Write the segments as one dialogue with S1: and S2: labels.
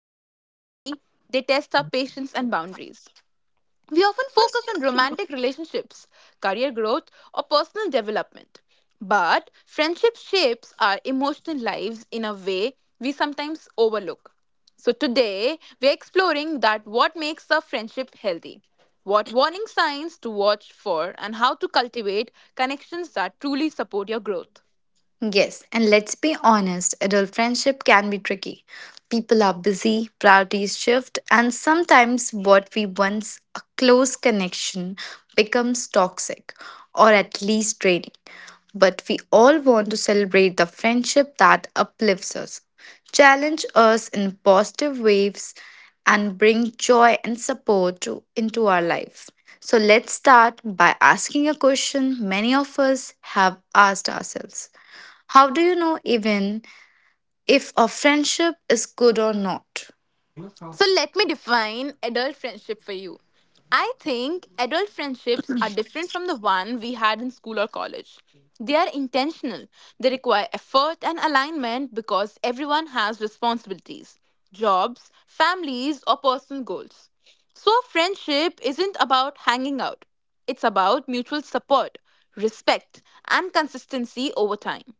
S1: well, honestly, they test our patience and boundaries. We often focus on romantic relationships, career growth, or personal development. But friendship shapes our emotional lives in a way we sometimes overlook. So today, we're exploring that what makes a friendship healthy, what warning signs to watch for, and how to cultivate connections that truly support your growth.
S2: Yes, and let's be honest, adult friendship can be tricky. People are busy, priorities shift, and sometimes what we once a close connection becomes toxic or at least draining. But we all want to celebrate the friendship that uplifts us, challenge us in positive waves, and bring joy and support into our life. So let's start by asking a question many of us have asked ourselves. How do you know even if a friendship is good or not?
S1: So let me define adult friendship for you. I think adult friendships are different from the one we had in school or college. They are intentional. They require effort and alignment because everyone has responsibilities, jobs, families, or personal goals. So, friendship isn't about hanging out, it's about mutual support, respect, and consistency over time.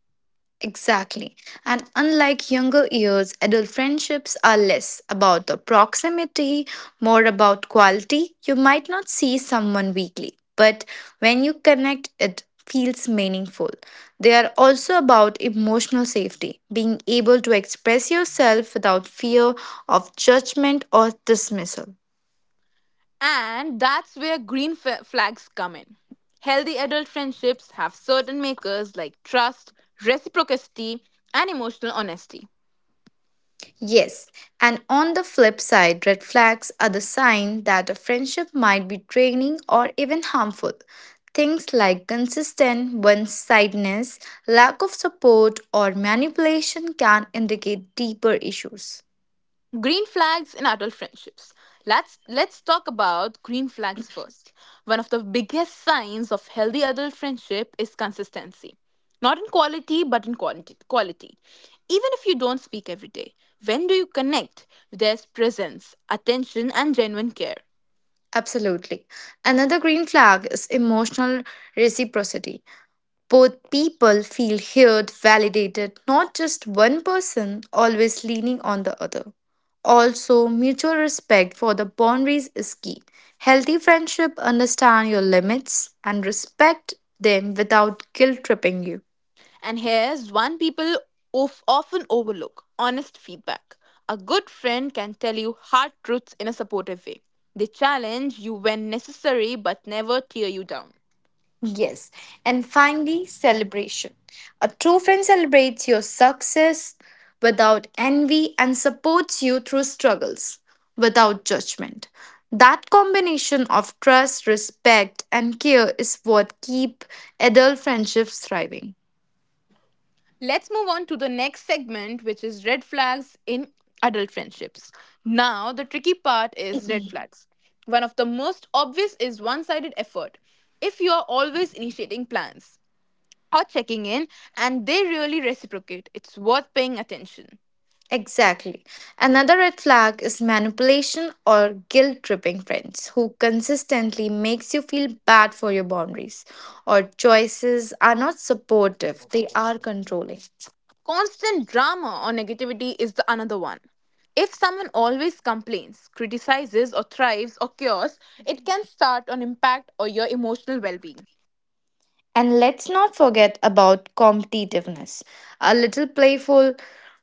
S2: Exactly. And unlike younger years, adult friendships are less about the proximity, more about quality. You might not see someone weekly, but when you connect, it feels meaningful. They are also about emotional safety, being able to express yourself without fear of judgment or dismissal.
S1: And that's where flags come in. Healthy adult friendships have certain makers like trust, reciprocity, and emotional honesty.
S2: Yes, and on the flip side, red flags are the sign that a friendship might be draining or even harmful. Things like consistent one sidedness, lack of support, or manipulation can indicate deeper issues.
S1: Green flags in adult friendships. Let's talk about green flags first. One of the biggest signs of healthy adult friendship is consistency. Not in quality, but in quantity, quality. Even if you don't speak every day, when do you connect? There's presence, attention, and genuine care.
S2: Absolutely. Another green flag is emotional reciprocity. Both people feel heard, validated, not just one person always leaning on the other. Also, mutual respect for the boundaries is key. Healthy friendship understand your limits and respect them without guilt tripping you.
S1: And here's one people of often overlook honest feedback. A good friend can tell you hard truths in a supportive way. They challenge you when necessary but never tear you down.
S2: Yes. And finally, celebration. A true friend celebrates your success without envy and supports you through struggles without judgment. That combination of trust, respect, and care is what keep adult friendships thriving.
S1: Let's move on to the next segment, which is red flags in adult friendships. Now, the tricky part is red flags. One of the most obvious is one sided effort. If you are always initiating plans or checking in and they really reciprocate, it's worth paying attention.
S2: Exactly. Another red flag is manipulation or guilt tripping friends who consistently makes you feel bad for your boundaries or choices are not supportive, they are controlling.
S1: Constant drama or negativity is the another one. If someone always complains, criticizes, or thrives or cures, it can start an impact on your emotional well being.
S2: And let's not forget about competitiveness. A little playful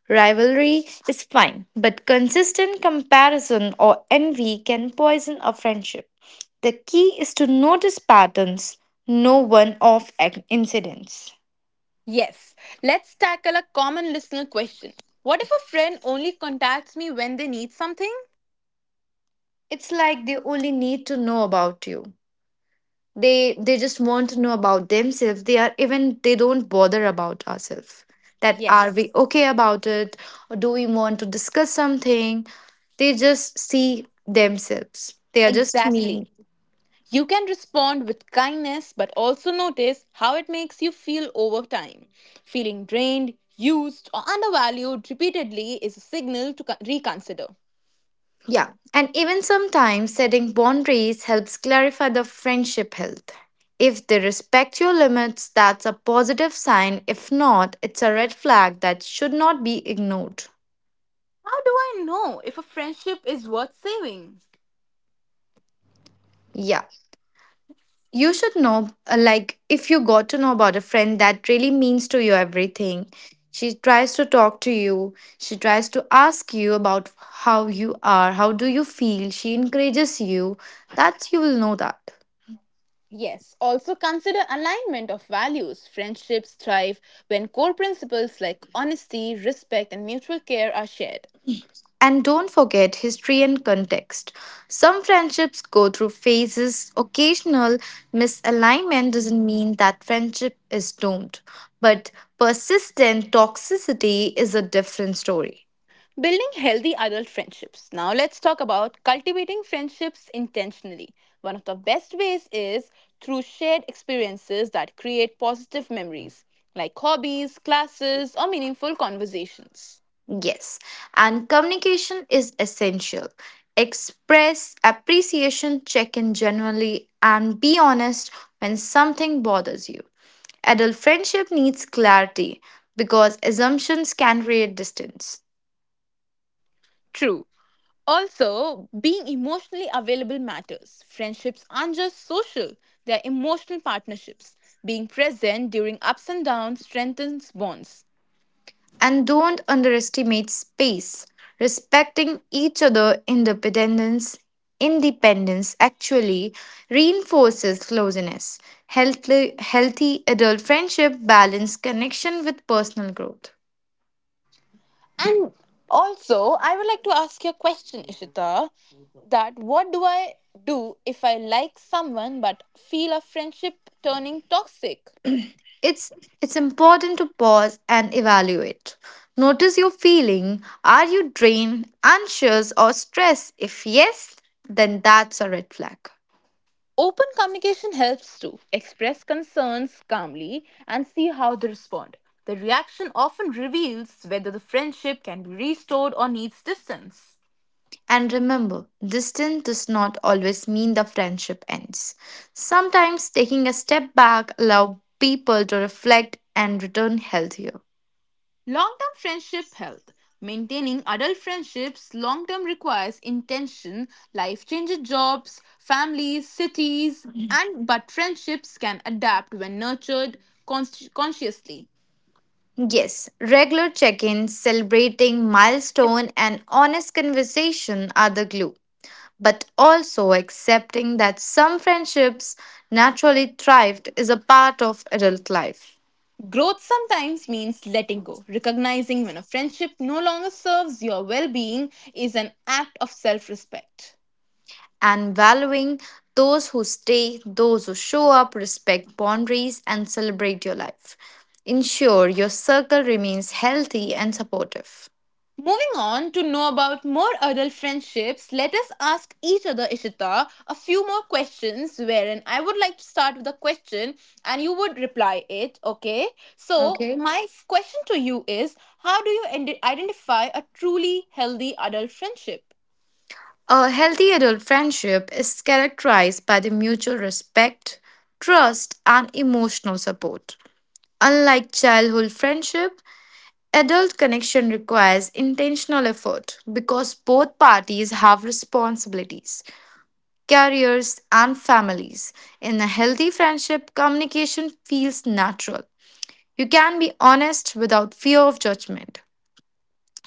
S2: rivalry is fine, but consistent comparison or envy can poison a friendship. The key is to notice patterns, no one off incidents.
S1: Yes, let's tackle a common listener question. What if a friend only contacts me when they need something?
S2: It's like they only need to know about you. They just want to know about themselves. They are even, they don't bother about ourselves. That are, we
S1: Yes,
S2: okay about it? Or do we want to discuss something? They just see themselves. They are just
S1: exactly.
S2: mean.
S1: You can respond with kindness, but also notice how it makes you feel over time. Feeling drained, used, or undervalued repeatedly is a signal to reconsider.
S2: Yeah, and even sometimes setting boundaries helps clarify the friendship health. If they respect your limits, that's a positive sign. If not, it's a red flag that should not be ignored.
S1: How do I know if a friendship is worth saving?
S2: Yeah. You should know, like, if you got to know about a friend that really means to you everything. She tries to talk to you. She tries to ask you about how you are, how do you feel. She encourages you. That's you will know that.
S1: Yes, also consider alignment of values. Friendships thrive when core principles like honesty, respect, and mutual care are shared.
S2: And don't forget history and context. Some friendships go through phases. Occasional misalignment doesn't mean that friendship is doomed, but persistent toxicity is a different story.
S1: Building healthy adult friendships. Now, let's talk about cultivating friendships intentionally. One of the best ways is through shared experiences that create positive memories, like hobbies, classes, or meaningful conversations.
S2: Yes, and communication is essential. Express appreciation, check in genuinely, and be honest when something bothers you. Adult friendship needs clarity because assumptions can create distance.
S1: True. Also, being emotionally available matters. Friendships aren't just social, they're emotional partnerships. Being present during ups and downs strengthens bonds.
S2: And don't underestimate space. Respecting each other independence actually reinforces closeness. Healthy adult friendship balance connection with personal growth.
S1: And also, I would like to ask you a question, Ishita, that what do I do if I like someone but feel a friendship turning toxic?
S2: It's it's important to pause and evaluate. Notice your feeling. Are you drained, anxious or stressed? If yes, then that's a red flag.
S1: Open communication helps to express concerns calmly and see how they respond. The reaction often reveals whether the friendship can be restored or needs distance.
S2: And remember, distance does not always mean the friendship ends. Sometimes taking a step back allows people to reflect and return healthier.
S1: Long term friendship health. Maintaining adult friendships long term requires intention, life changes jobs, families, cities, and but friendships can adapt when nurtured consciously.
S2: Yes, regular check-ins, celebrating milestone and honest conversation are the glue. But also accepting that some friendships naturally thrived is a part of adult life.
S1: Growth sometimes means letting go. Recognizing when a friendship no longer serves your well being is an act of self respect.
S2: And valuing those who stay, those who show up, respect boundaries, and celebrate your life. Ensure your circle remains healthy and supportive.
S1: Moving on to know about more adult friendships, let us ask each other, Ishita, a few more questions. Wherein I would like to start with a question and you would reply it, okay? So,
S2: Okay.
S1: my question to you is, how do you identify a truly healthy adult friendship?
S2: A healthy adult friendship is characterized by the mutual respect, trust, and emotional support. Unlike childhood friendship, adult connection requires intentional effort because both parties have responsibilities, careers, and families. In a healthy friendship, communication feels natural. You can be honest without fear of judgment.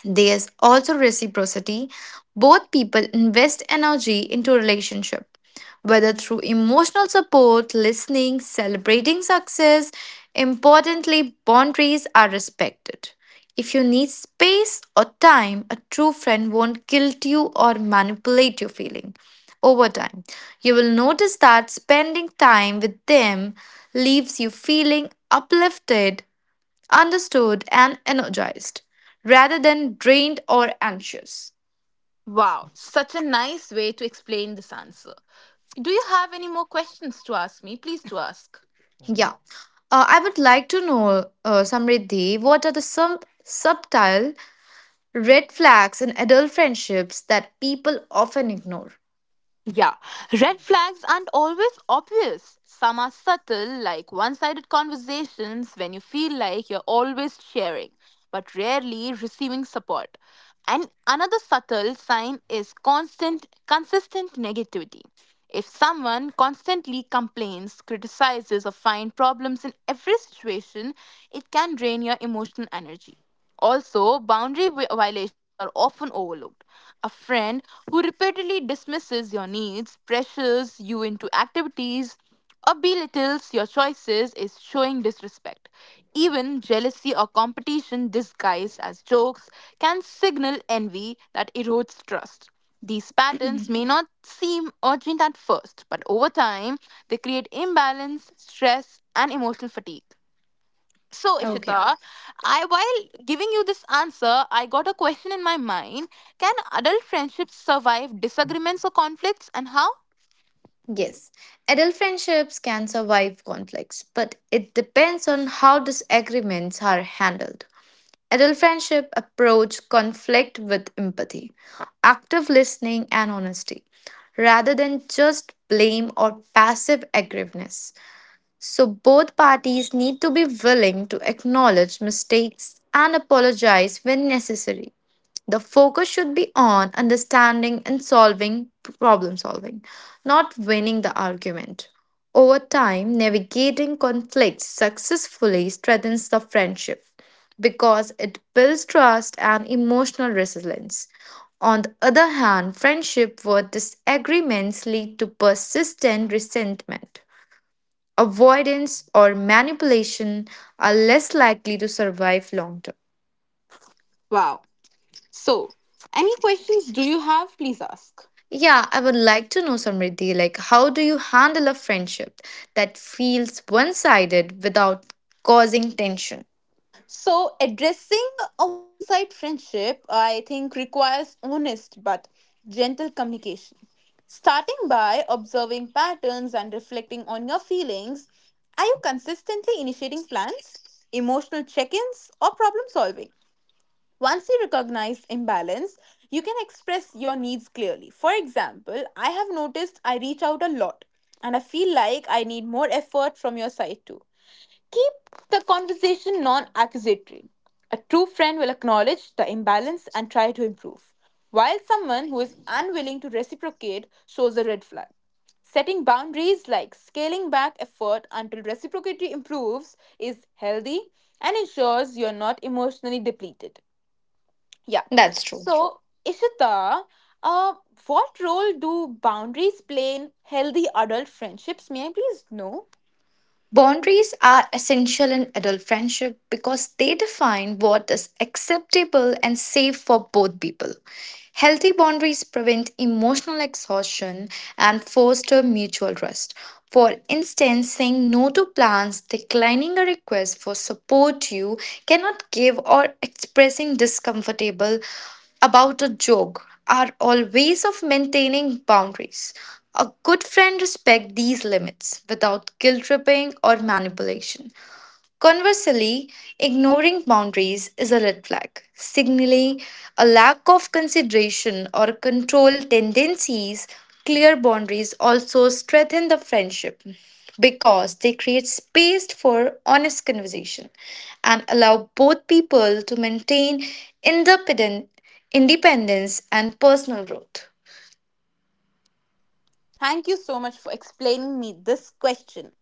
S2: There's also reciprocity. Both people invest energy into relationship, whether through emotional support, listening, celebrating success. Importantly, boundaries are respected. If you need space or time, a true friend won't guilt you or manipulate your feeling. Over time, you will notice that spending time with them leaves you feeling uplifted, understood and energized rather than drained or anxious.
S1: Wow, such a nice way to explain this answer. Do you have any more questions to ask me? Please do ask.
S2: Yeah. I would like to know, Samriddhi, what are the some subtle red flags in adult friendships that people often ignore?
S1: Yeah, red flags aren't always obvious. Some are subtle, like one sided conversations when you feel like you're always sharing, but rarely receiving support. And another subtle sign is constant, consistent negativity. If someone constantly complains, criticizes, or finds problems in every situation, it can drain your emotional energy. Also, boundary violations are often overlooked. A friend who repeatedly dismisses your needs, pressures you into activities, or belittles your choices is showing disrespect. Even jealousy or competition disguised as jokes can signal envy that erodes trust. These patterns may not seem urgent at first, but over time, they create imbalance, stress, and emotional fatigue. So, Ishita, I while giving you this answer, I got a question in my mind. Can adult friendships survive disagreements or conflicts and how?
S2: Yes, adult friendships can survive conflicts, but it depends on how disagreements are handled. Adult friendship approach conflict with empathy, active listening, and honesty, rather than just blame or passive aggressiveness. So, both parties need to be willing to acknowledge mistakes and apologize when necessary. The focus should be on understanding and solving problem solving, not winning the argument. Over time, navigating conflicts successfully strengthens the friendship because it builds trust and emotional resilience. On the other hand, friendship where disagreements lead to persistent resentment, avoidance, or manipulation are less likely to survive long term.
S1: Wow. So, any questions do you have? Please ask.
S2: Yeah, I would like to know, Samriddhi, like how do you handle a friendship that feels one-sided without causing tension?
S1: So, addressing a one side friendship, I think, requires honest but gentle communication. Starting by observing patterns and reflecting on your feelings. Are you consistently initiating plans, emotional check ins, or problem solving? Once you recognize imbalance, you can express your needs clearly. For example, I have noticed I reach out a lot and I feel like I need more effort from your side too. Keep the conversation non accusatory. A true friend will acknowledge the imbalance and try to improve, while someone who is unwilling to reciprocate shows a red flag. Setting boundaries like scaling back effort until reciprocity improves is healthy and ensures you are not emotionally depleted. Yeah.
S2: That's true.
S1: So, Ishita, uh, what role do boundaries play in healthy adult friendships? May I please know?
S2: Boundaries are essential in adult friendship because they define what is acceptable and safe for both people. Healthy boundaries prevent emotional exhaustion and foster mutual trust. For instance, saying no to plans, declining a request for support you cannot give, or expressing discomfortable about a joke are all ways of maintaining boundaries. A good friend respects these limits without guilt tripping or manipulation. Conversely, ignoring boundaries is a red flag, signaling a lack of consideration or control tendencies. Clear boundaries also strengthen the friendship because they create space for honest conversation and allow both people to maintain independent independence and personal growth.
S1: Thank you so much for explaining me this question.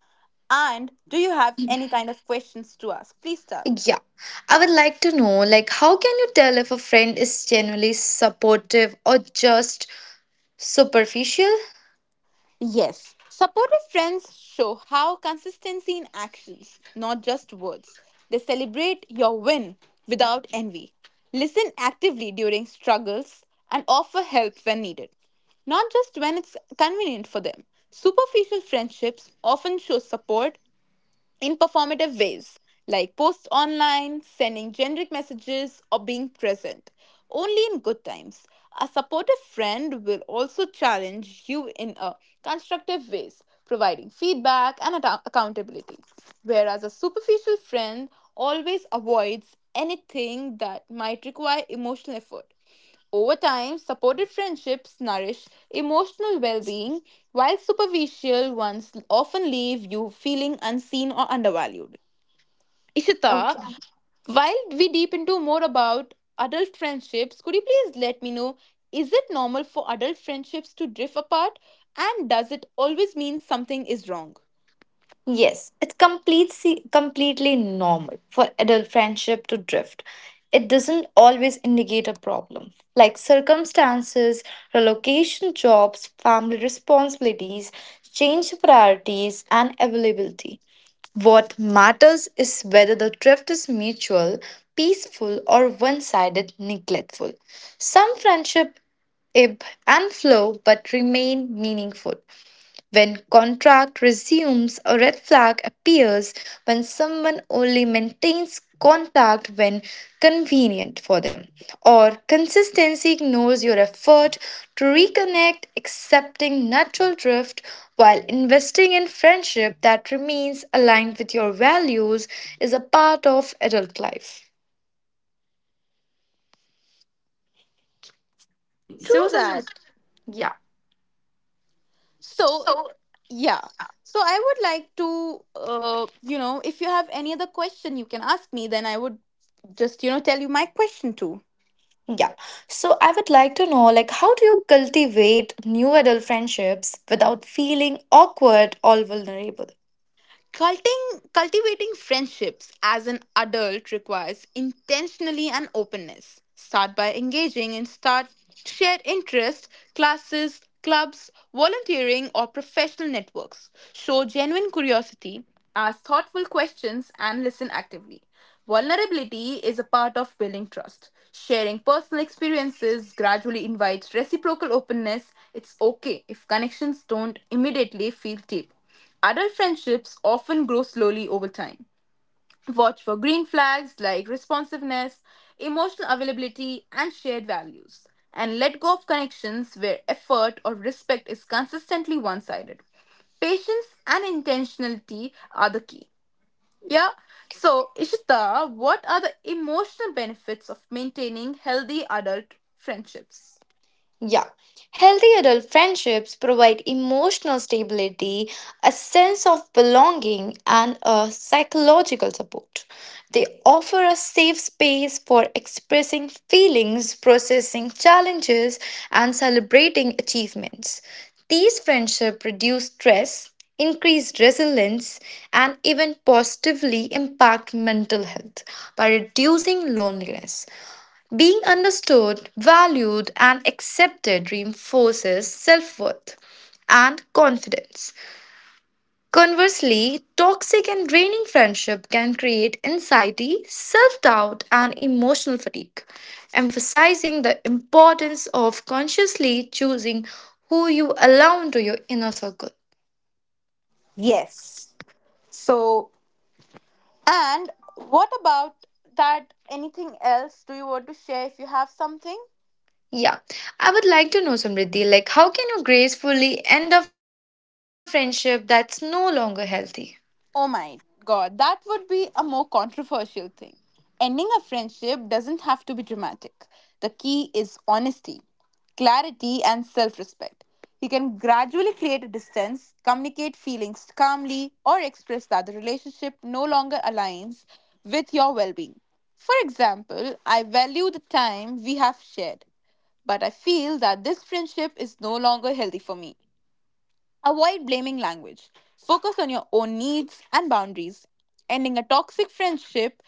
S1: And do you have any kind of questions to ask? Please tell.
S2: Yeah. I would like to know like how can you tell if a friend is genuinely supportive or just superficial?
S1: Yes, supportive friends show how consistency in actions, not just words. They celebrate your win without envy, listen actively during struggles, and offer help when needed, not just when it's convenient for them. Superficial friendships often show support in performative ways like posts online, sending generic messages, or being present. Only in good times. A supportive friend will also challenge you in a constructive ways, providing feedback and accountability. Whereas a superficial friend always avoids anything that might require emotional effort. Over time, supported friendships nourish emotional well being, while superficial ones often leave you feeling unseen or undervalued. Ishita, while we deep into more about adult friendships, could you please let me know is it normal for adult friendships to drift apart? And does it always mean something is wrong?
S2: Yes, it's completely normal for adult friendship to drift. It doesn't always indicate a problem, like circumstances, relocation, jobs, family responsibilities, change priorities, and availability. What matters is whether the drift is mutual, peaceful, or one sided, neglectful. Some friendship ebb and flow but remain meaningful. When contract resumes, a red flag appears when someone only maintains contact when convenient for them, or consistency ignores your effort to reconnect, accepting natural drift while investing in friendship that remains aligned with your values is a part of adult life.
S1: True
S2: So,
S1: that.
S2: something, yeah.
S1: So, yeah. So I would like to, if you have any other question you can ask me, then I would just, tell you my question too.
S2: Yeah. So I would like to know like how do you cultivate new adult friendships without feeling awkward or vulnerable?
S1: Cultivating friendships as an adult requires intentionally and openness. Start by engaging in start shared interests, classes, clubs, volunteering, or professional networks. Show genuine curiosity, ask thoughtful questions, and listen actively. Vulnerability is a part of building trust. Sharing personal experiences gradually invites reciprocal openness. It's okay if connections don't immediately feel deep. Adult friendships often grow slowly over time. Watch for green flags like responsiveness, emotional availability, and shared values. And let go of connections where effort or respect is consistently one sided. Patience and intentionality are the key. Yeah. So, Ishita, what are the emotional benefits of maintaining healthy adult friendships?
S2: Yeah. Healthy adult friendships provide emotional stability, a sense of belonging, and a psychological support. They offer a safe space for expressing feelings, processing challenges, and celebrating achievements. These friendships reduce stress, increase resilience, and even positively impact mental health by reducing loneliness. Being understood, valued, and accepted reinforces self worth and confidence. Conversely, toxic and draining friendship can create anxiety, self doubt, and emotional fatigue, emphasizing the importance of consciously choosing who you allow into your inner circle.
S1: Yes. So, and what about that? Anything else do you want to share if you have something?
S2: Yeah, I would like to know, Samriddhi, like how can you gracefully end a friendship that's no longer healthy?
S1: Oh my god, that would be a more controversial thing. Ending a friendship doesn't have to be dramatic. The key is honesty, clarity, and self respect. You can gradually create a distance, communicate feelings calmly, or express that the relationship no longer aligns with your well being. For example, I value the time we have shared. But I feel that this friendship is no longer healthy for me. Avoid blaming language. Focus on your own needs and boundaries. Ending a toxic friendship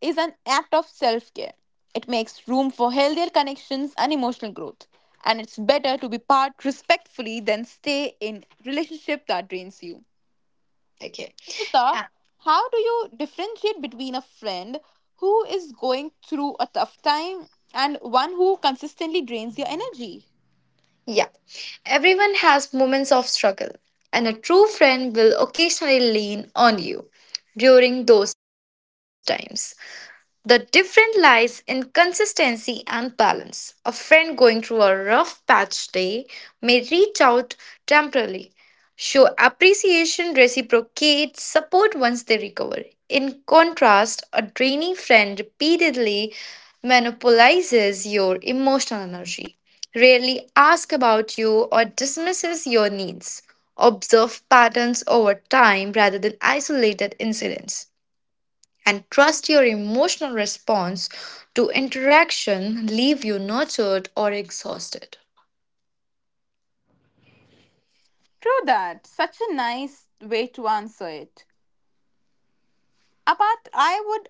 S1: is an act of self care. It makes room for healthier connections and emotional growth. And it's better to be part respectfully than stay in relationship that drains you.
S2: Okay.
S1: Rita, how do you differentiate between a friend who is going through a tough time and one who consistently drains your energy?
S2: Yeah, everyone has moments of struggle, and a true friend will occasionally lean on you during those times. The difference lies in consistency and balance. A friend going through a rough patch day may reach out temporarily, show appreciation, reciprocate support once they recover. In contrast, a draining friend repeatedly monopolizes your emotional energy, rarely asks about you, or dismisses your needs. Observe patterns over time rather than isolated incidents and trust your emotional response to interaction leave you nurtured or exhausted.
S1: True that. Such a nice way to answer it. Apart,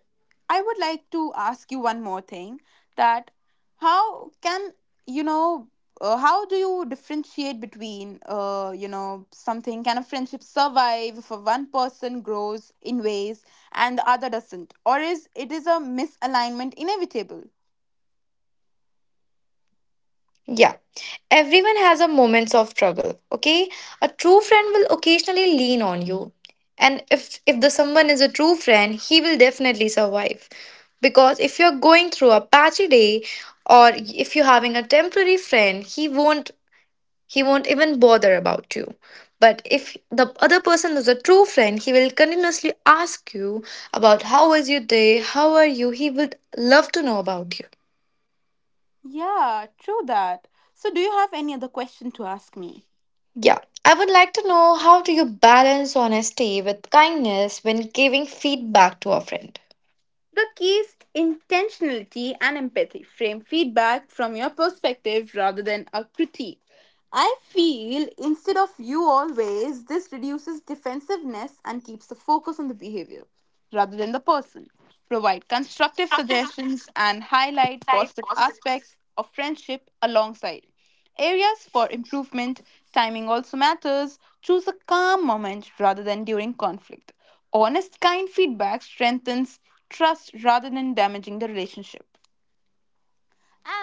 S1: I would like to ask you one more thing. That how can you know? How do you differentiate between you know something? Can a friendship survive if a one person grows in ways and the other doesn't, or is it is a misalignment inevitable?
S2: Yeah, everyone has a moments of struggle. Okay, a true friend will occasionally lean on you, and if the someone is a true friend, he will definitely survive because if you're going through a patchy day or if you're having a temporary friend, he won't. He won't even bother about you. But if the other person is a true friend, he will continuously ask you about how was your day, how are you. He would love to know about you.
S1: Yeah, true that. So, do you have any other question to ask me?
S2: Yeah. I would like to know how do you balance honesty with kindness when giving feedback to a friend?
S1: The key is intentionality and empathy. Frame feedback from your perspective rather than a critique. I feel instead of you always, this reduces defensiveness and keeps the focus on the behavior rather than the person. Provide constructive suggestions and highlight positive aspects of friendship alongside. Areas for improvement, timing also matters. Choose a calm moment rather than during conflict. Honest, kind feedback strengthens trust rather than damaging the relationship.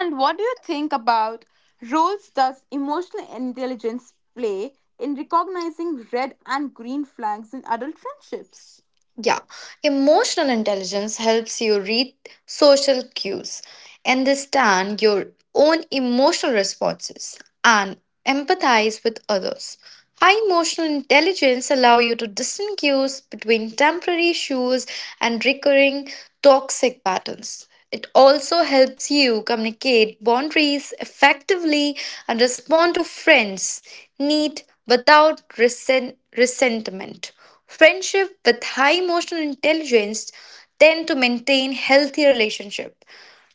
S1: And what do you think about roles does emotional intelligence play in recognizing red and green flags in adult friendships?
S2: Yeah, emotional intelligence helps you read social cues, understand your own emotional responses, and empathize with others. High emotional intelligence allow you to distinguish cues between temporary issues and recurring toxic patterns. It also helps you communicate boundaries effectively and respond to friends' need without resentment. Friendship with high emotional intelligence tend to maintain healthy relationship,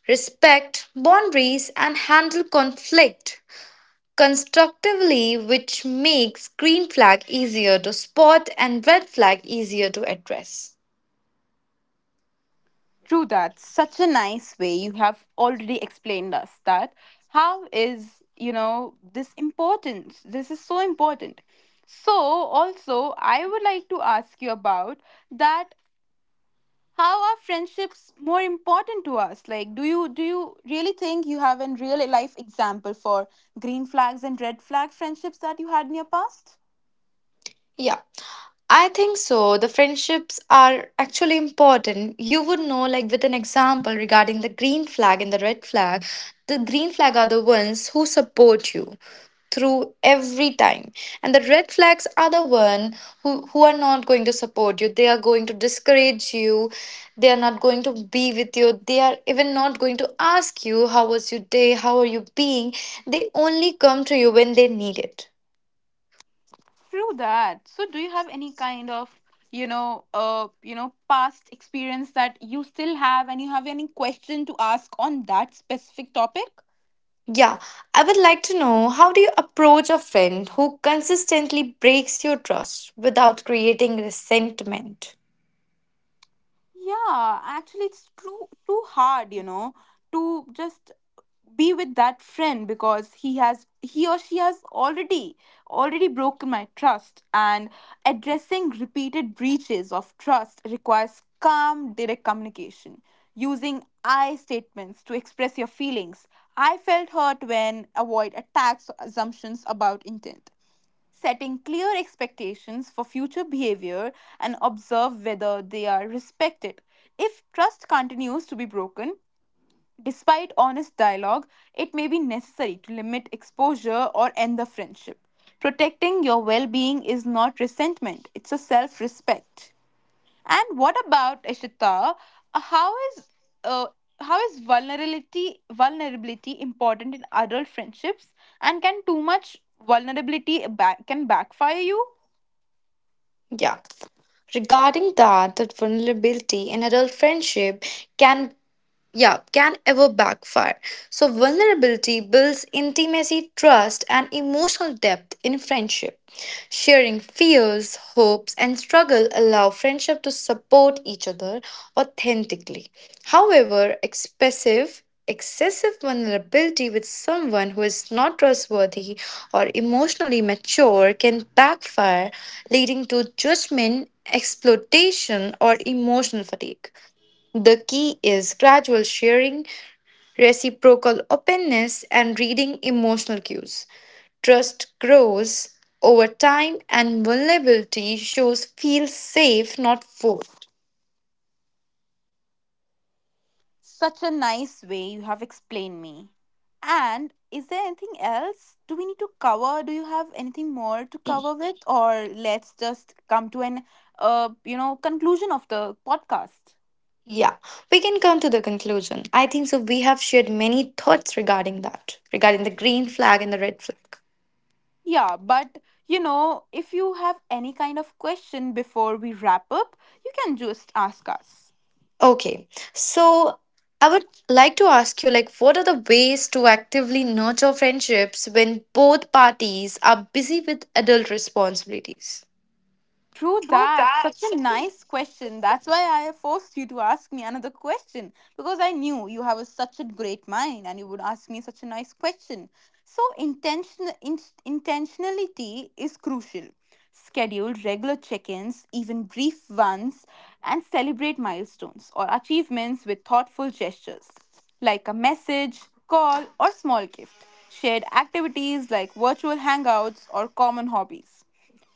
S2: respect boundaries, and handle conflict constructively, which makes green flag easier to spot and red flag easier to address.
S1: True that. Such a nice way you have already explained us that how is, this important? This is so important. So, also, I would like to ask you about that how are friendships more important to us? Like, do you really think you have a real life example for green flags and red flag friendships that you had in your past?
S2: Yeah, I think so. The friendships are actually important. You would know, like, with an example regarding the green flag and the red flag, the green flag are the ones who support you through every time and the red flags are the one who are not going to support you. They are going to discourage you. They are not going to be with you. They are even not going to ask you how was your day, how are you being. They only come to you when they need it.
S1: True that. So do you have any kind of, past experience that you still have and you have any question to ask on that specific topic?
S2: Yeah, I would like to know how do you approach a friend who consistently breaks your trust without creating resentment?
S1: Yeah, actually, it's too hard, to just be with that friend because he or she has already broken my trust and addressing repeated breaches of trust requires calm direct communication using I statements to express your feelings. I felt hurt when avoid attacks or assumptions about intent, setting clear expectations for future behavior and observe whether they are respected. If trust continues to be broken, despite honest dialogue, it may be necessary to limit exposure or end the friendship. Protecting your well being is not resentment, it's a self respect. And what about Ishita? How is uh, how is vulnerability important in adult friendships? And can too much can backfire you?
S2: Yeah. Regarding that vulnerability in adult friendship can, yeah, can ever backfire. So, vulnerability builds intimacy, trust, and emotional depth in friendship. Sharing fears, hopes, and struggle allow friendship to support each other authentically. However, expressive excessive vulnerability with someone who is not trustworthy or emotionally mature can backfire, leading to judgment exploitation or emotional fatigue. The key is gradual sharing, reciprocal openness, and reading emotional cues. Trust grows over time, and vulnerability shows feel safe, not forced.
S1: Such a nice way you have explained me. And is there anything else? Do we need to cover? Do you have anything more to cover with, or let's just come to an conclusion of the podcast?
S2: Yeah, we can come to the conclusion. I think so. We have shared many thoughts regarding that, regarding the green flag and the red flag.
S1: Yeah, but if you have any kind of question before we wrap up, you can just ask us.
S2: Okay, so I would like to ask you, like, what are the ways to actively nurture friendships when both parties are busy with adult responsibilities?
S1: True that. Such a nice question. That's why I forced you to ask me another question because I knew you have a, such a great mind and you would ask me such a nice question. So, intentionality is crucial. Schedule regular check ins, even brief ones, and celebrate milestones or achievements with thoughtful gestures like a message, call, or small gift. Shared activities like virtual hangouts or common hobbies.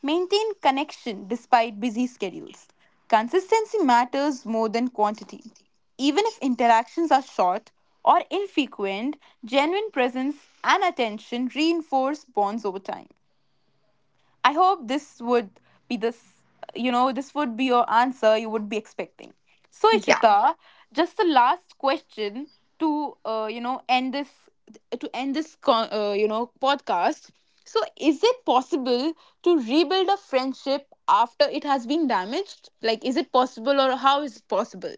S1: Maintain connection despite busy schedules. Consistency matters more than quantity. Even if interactions are short or infrequent, genuine presence and attention reinforce bonds over time. I hope be this, this would be your answer you would be expecting. So,
S2: Yeah,
S1: Ishita, just the last question to, to end this, podcast. So, is it possible to rebuild a friendship after it has been damaged? Like, is it possible or how is it possible?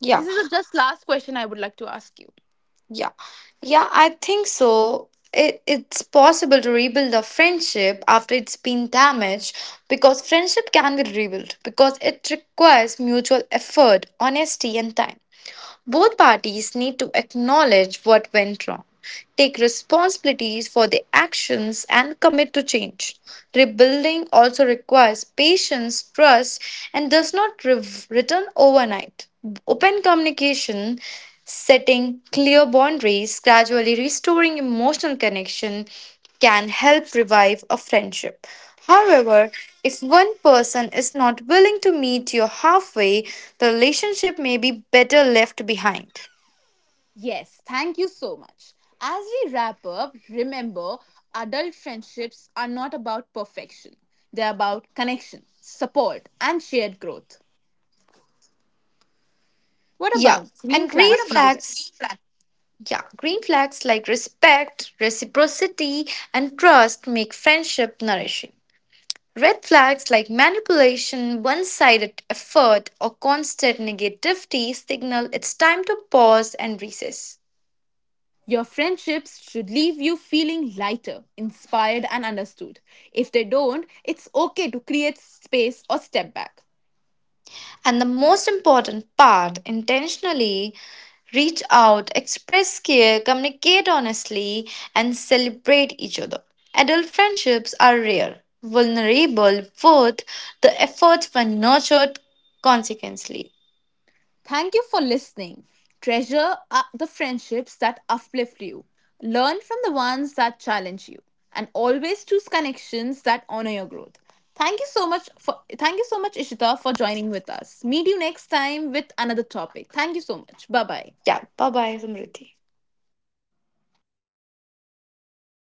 S2: yeah,
S1: This is a just last question I would like to ask you.
S2: yeah, yeah. I think so. It's possible to rebuild a friendship after it's been damaged because friendship can be rebuilt because it requires mutual effort, honesty, and time. Both parties need to acknowledge what went wrong, take responsibilities for their actions, and commit to change. Rebuilding also requires patience, trust, and does not return overnight. Open communication, setting clear boundaries, gradually restoring emotional connection, can help revive a friendship. However, if one person is not willing to meet you halfway, the relationship may be better left behind.
S1: Yes, thank you so much. As we wrap up, remember adult friendships are not about perfection, they're about connection, support, and shared growth.
S2: Yeah, and
S1: What
S2: green.
S1: about
S2: What about
S1: green
S2: flags, green
S1: flags you
S2: flag?
S1: would like?
S2: Yeah, green flags like respect, reciprocity, and trust make friendship nourishing. Red flags like manipulation, one sided effort, or constant negativity signal it's time to pause and recess.
S1: Your friendships should leave you feeling lighter, inspired, and understood. If they don't, it's okay to create space or step back.
S2: And the most important part intentionally reach out, express care, communicate honestly, and celebrate each other. Adult friendships are rare, vulnerable, worth the effort when nurtured consequently.
S1: Thank you for listening. Treasure the friendships that uplift you, learn from the ones that challenge you, and always choose connections that honor your growth. Thank you so much Ishita for joining with us. Meet you next time with another topic. Thank you so much. Bye bye.
S2: Yeah, bye bye, Samriti.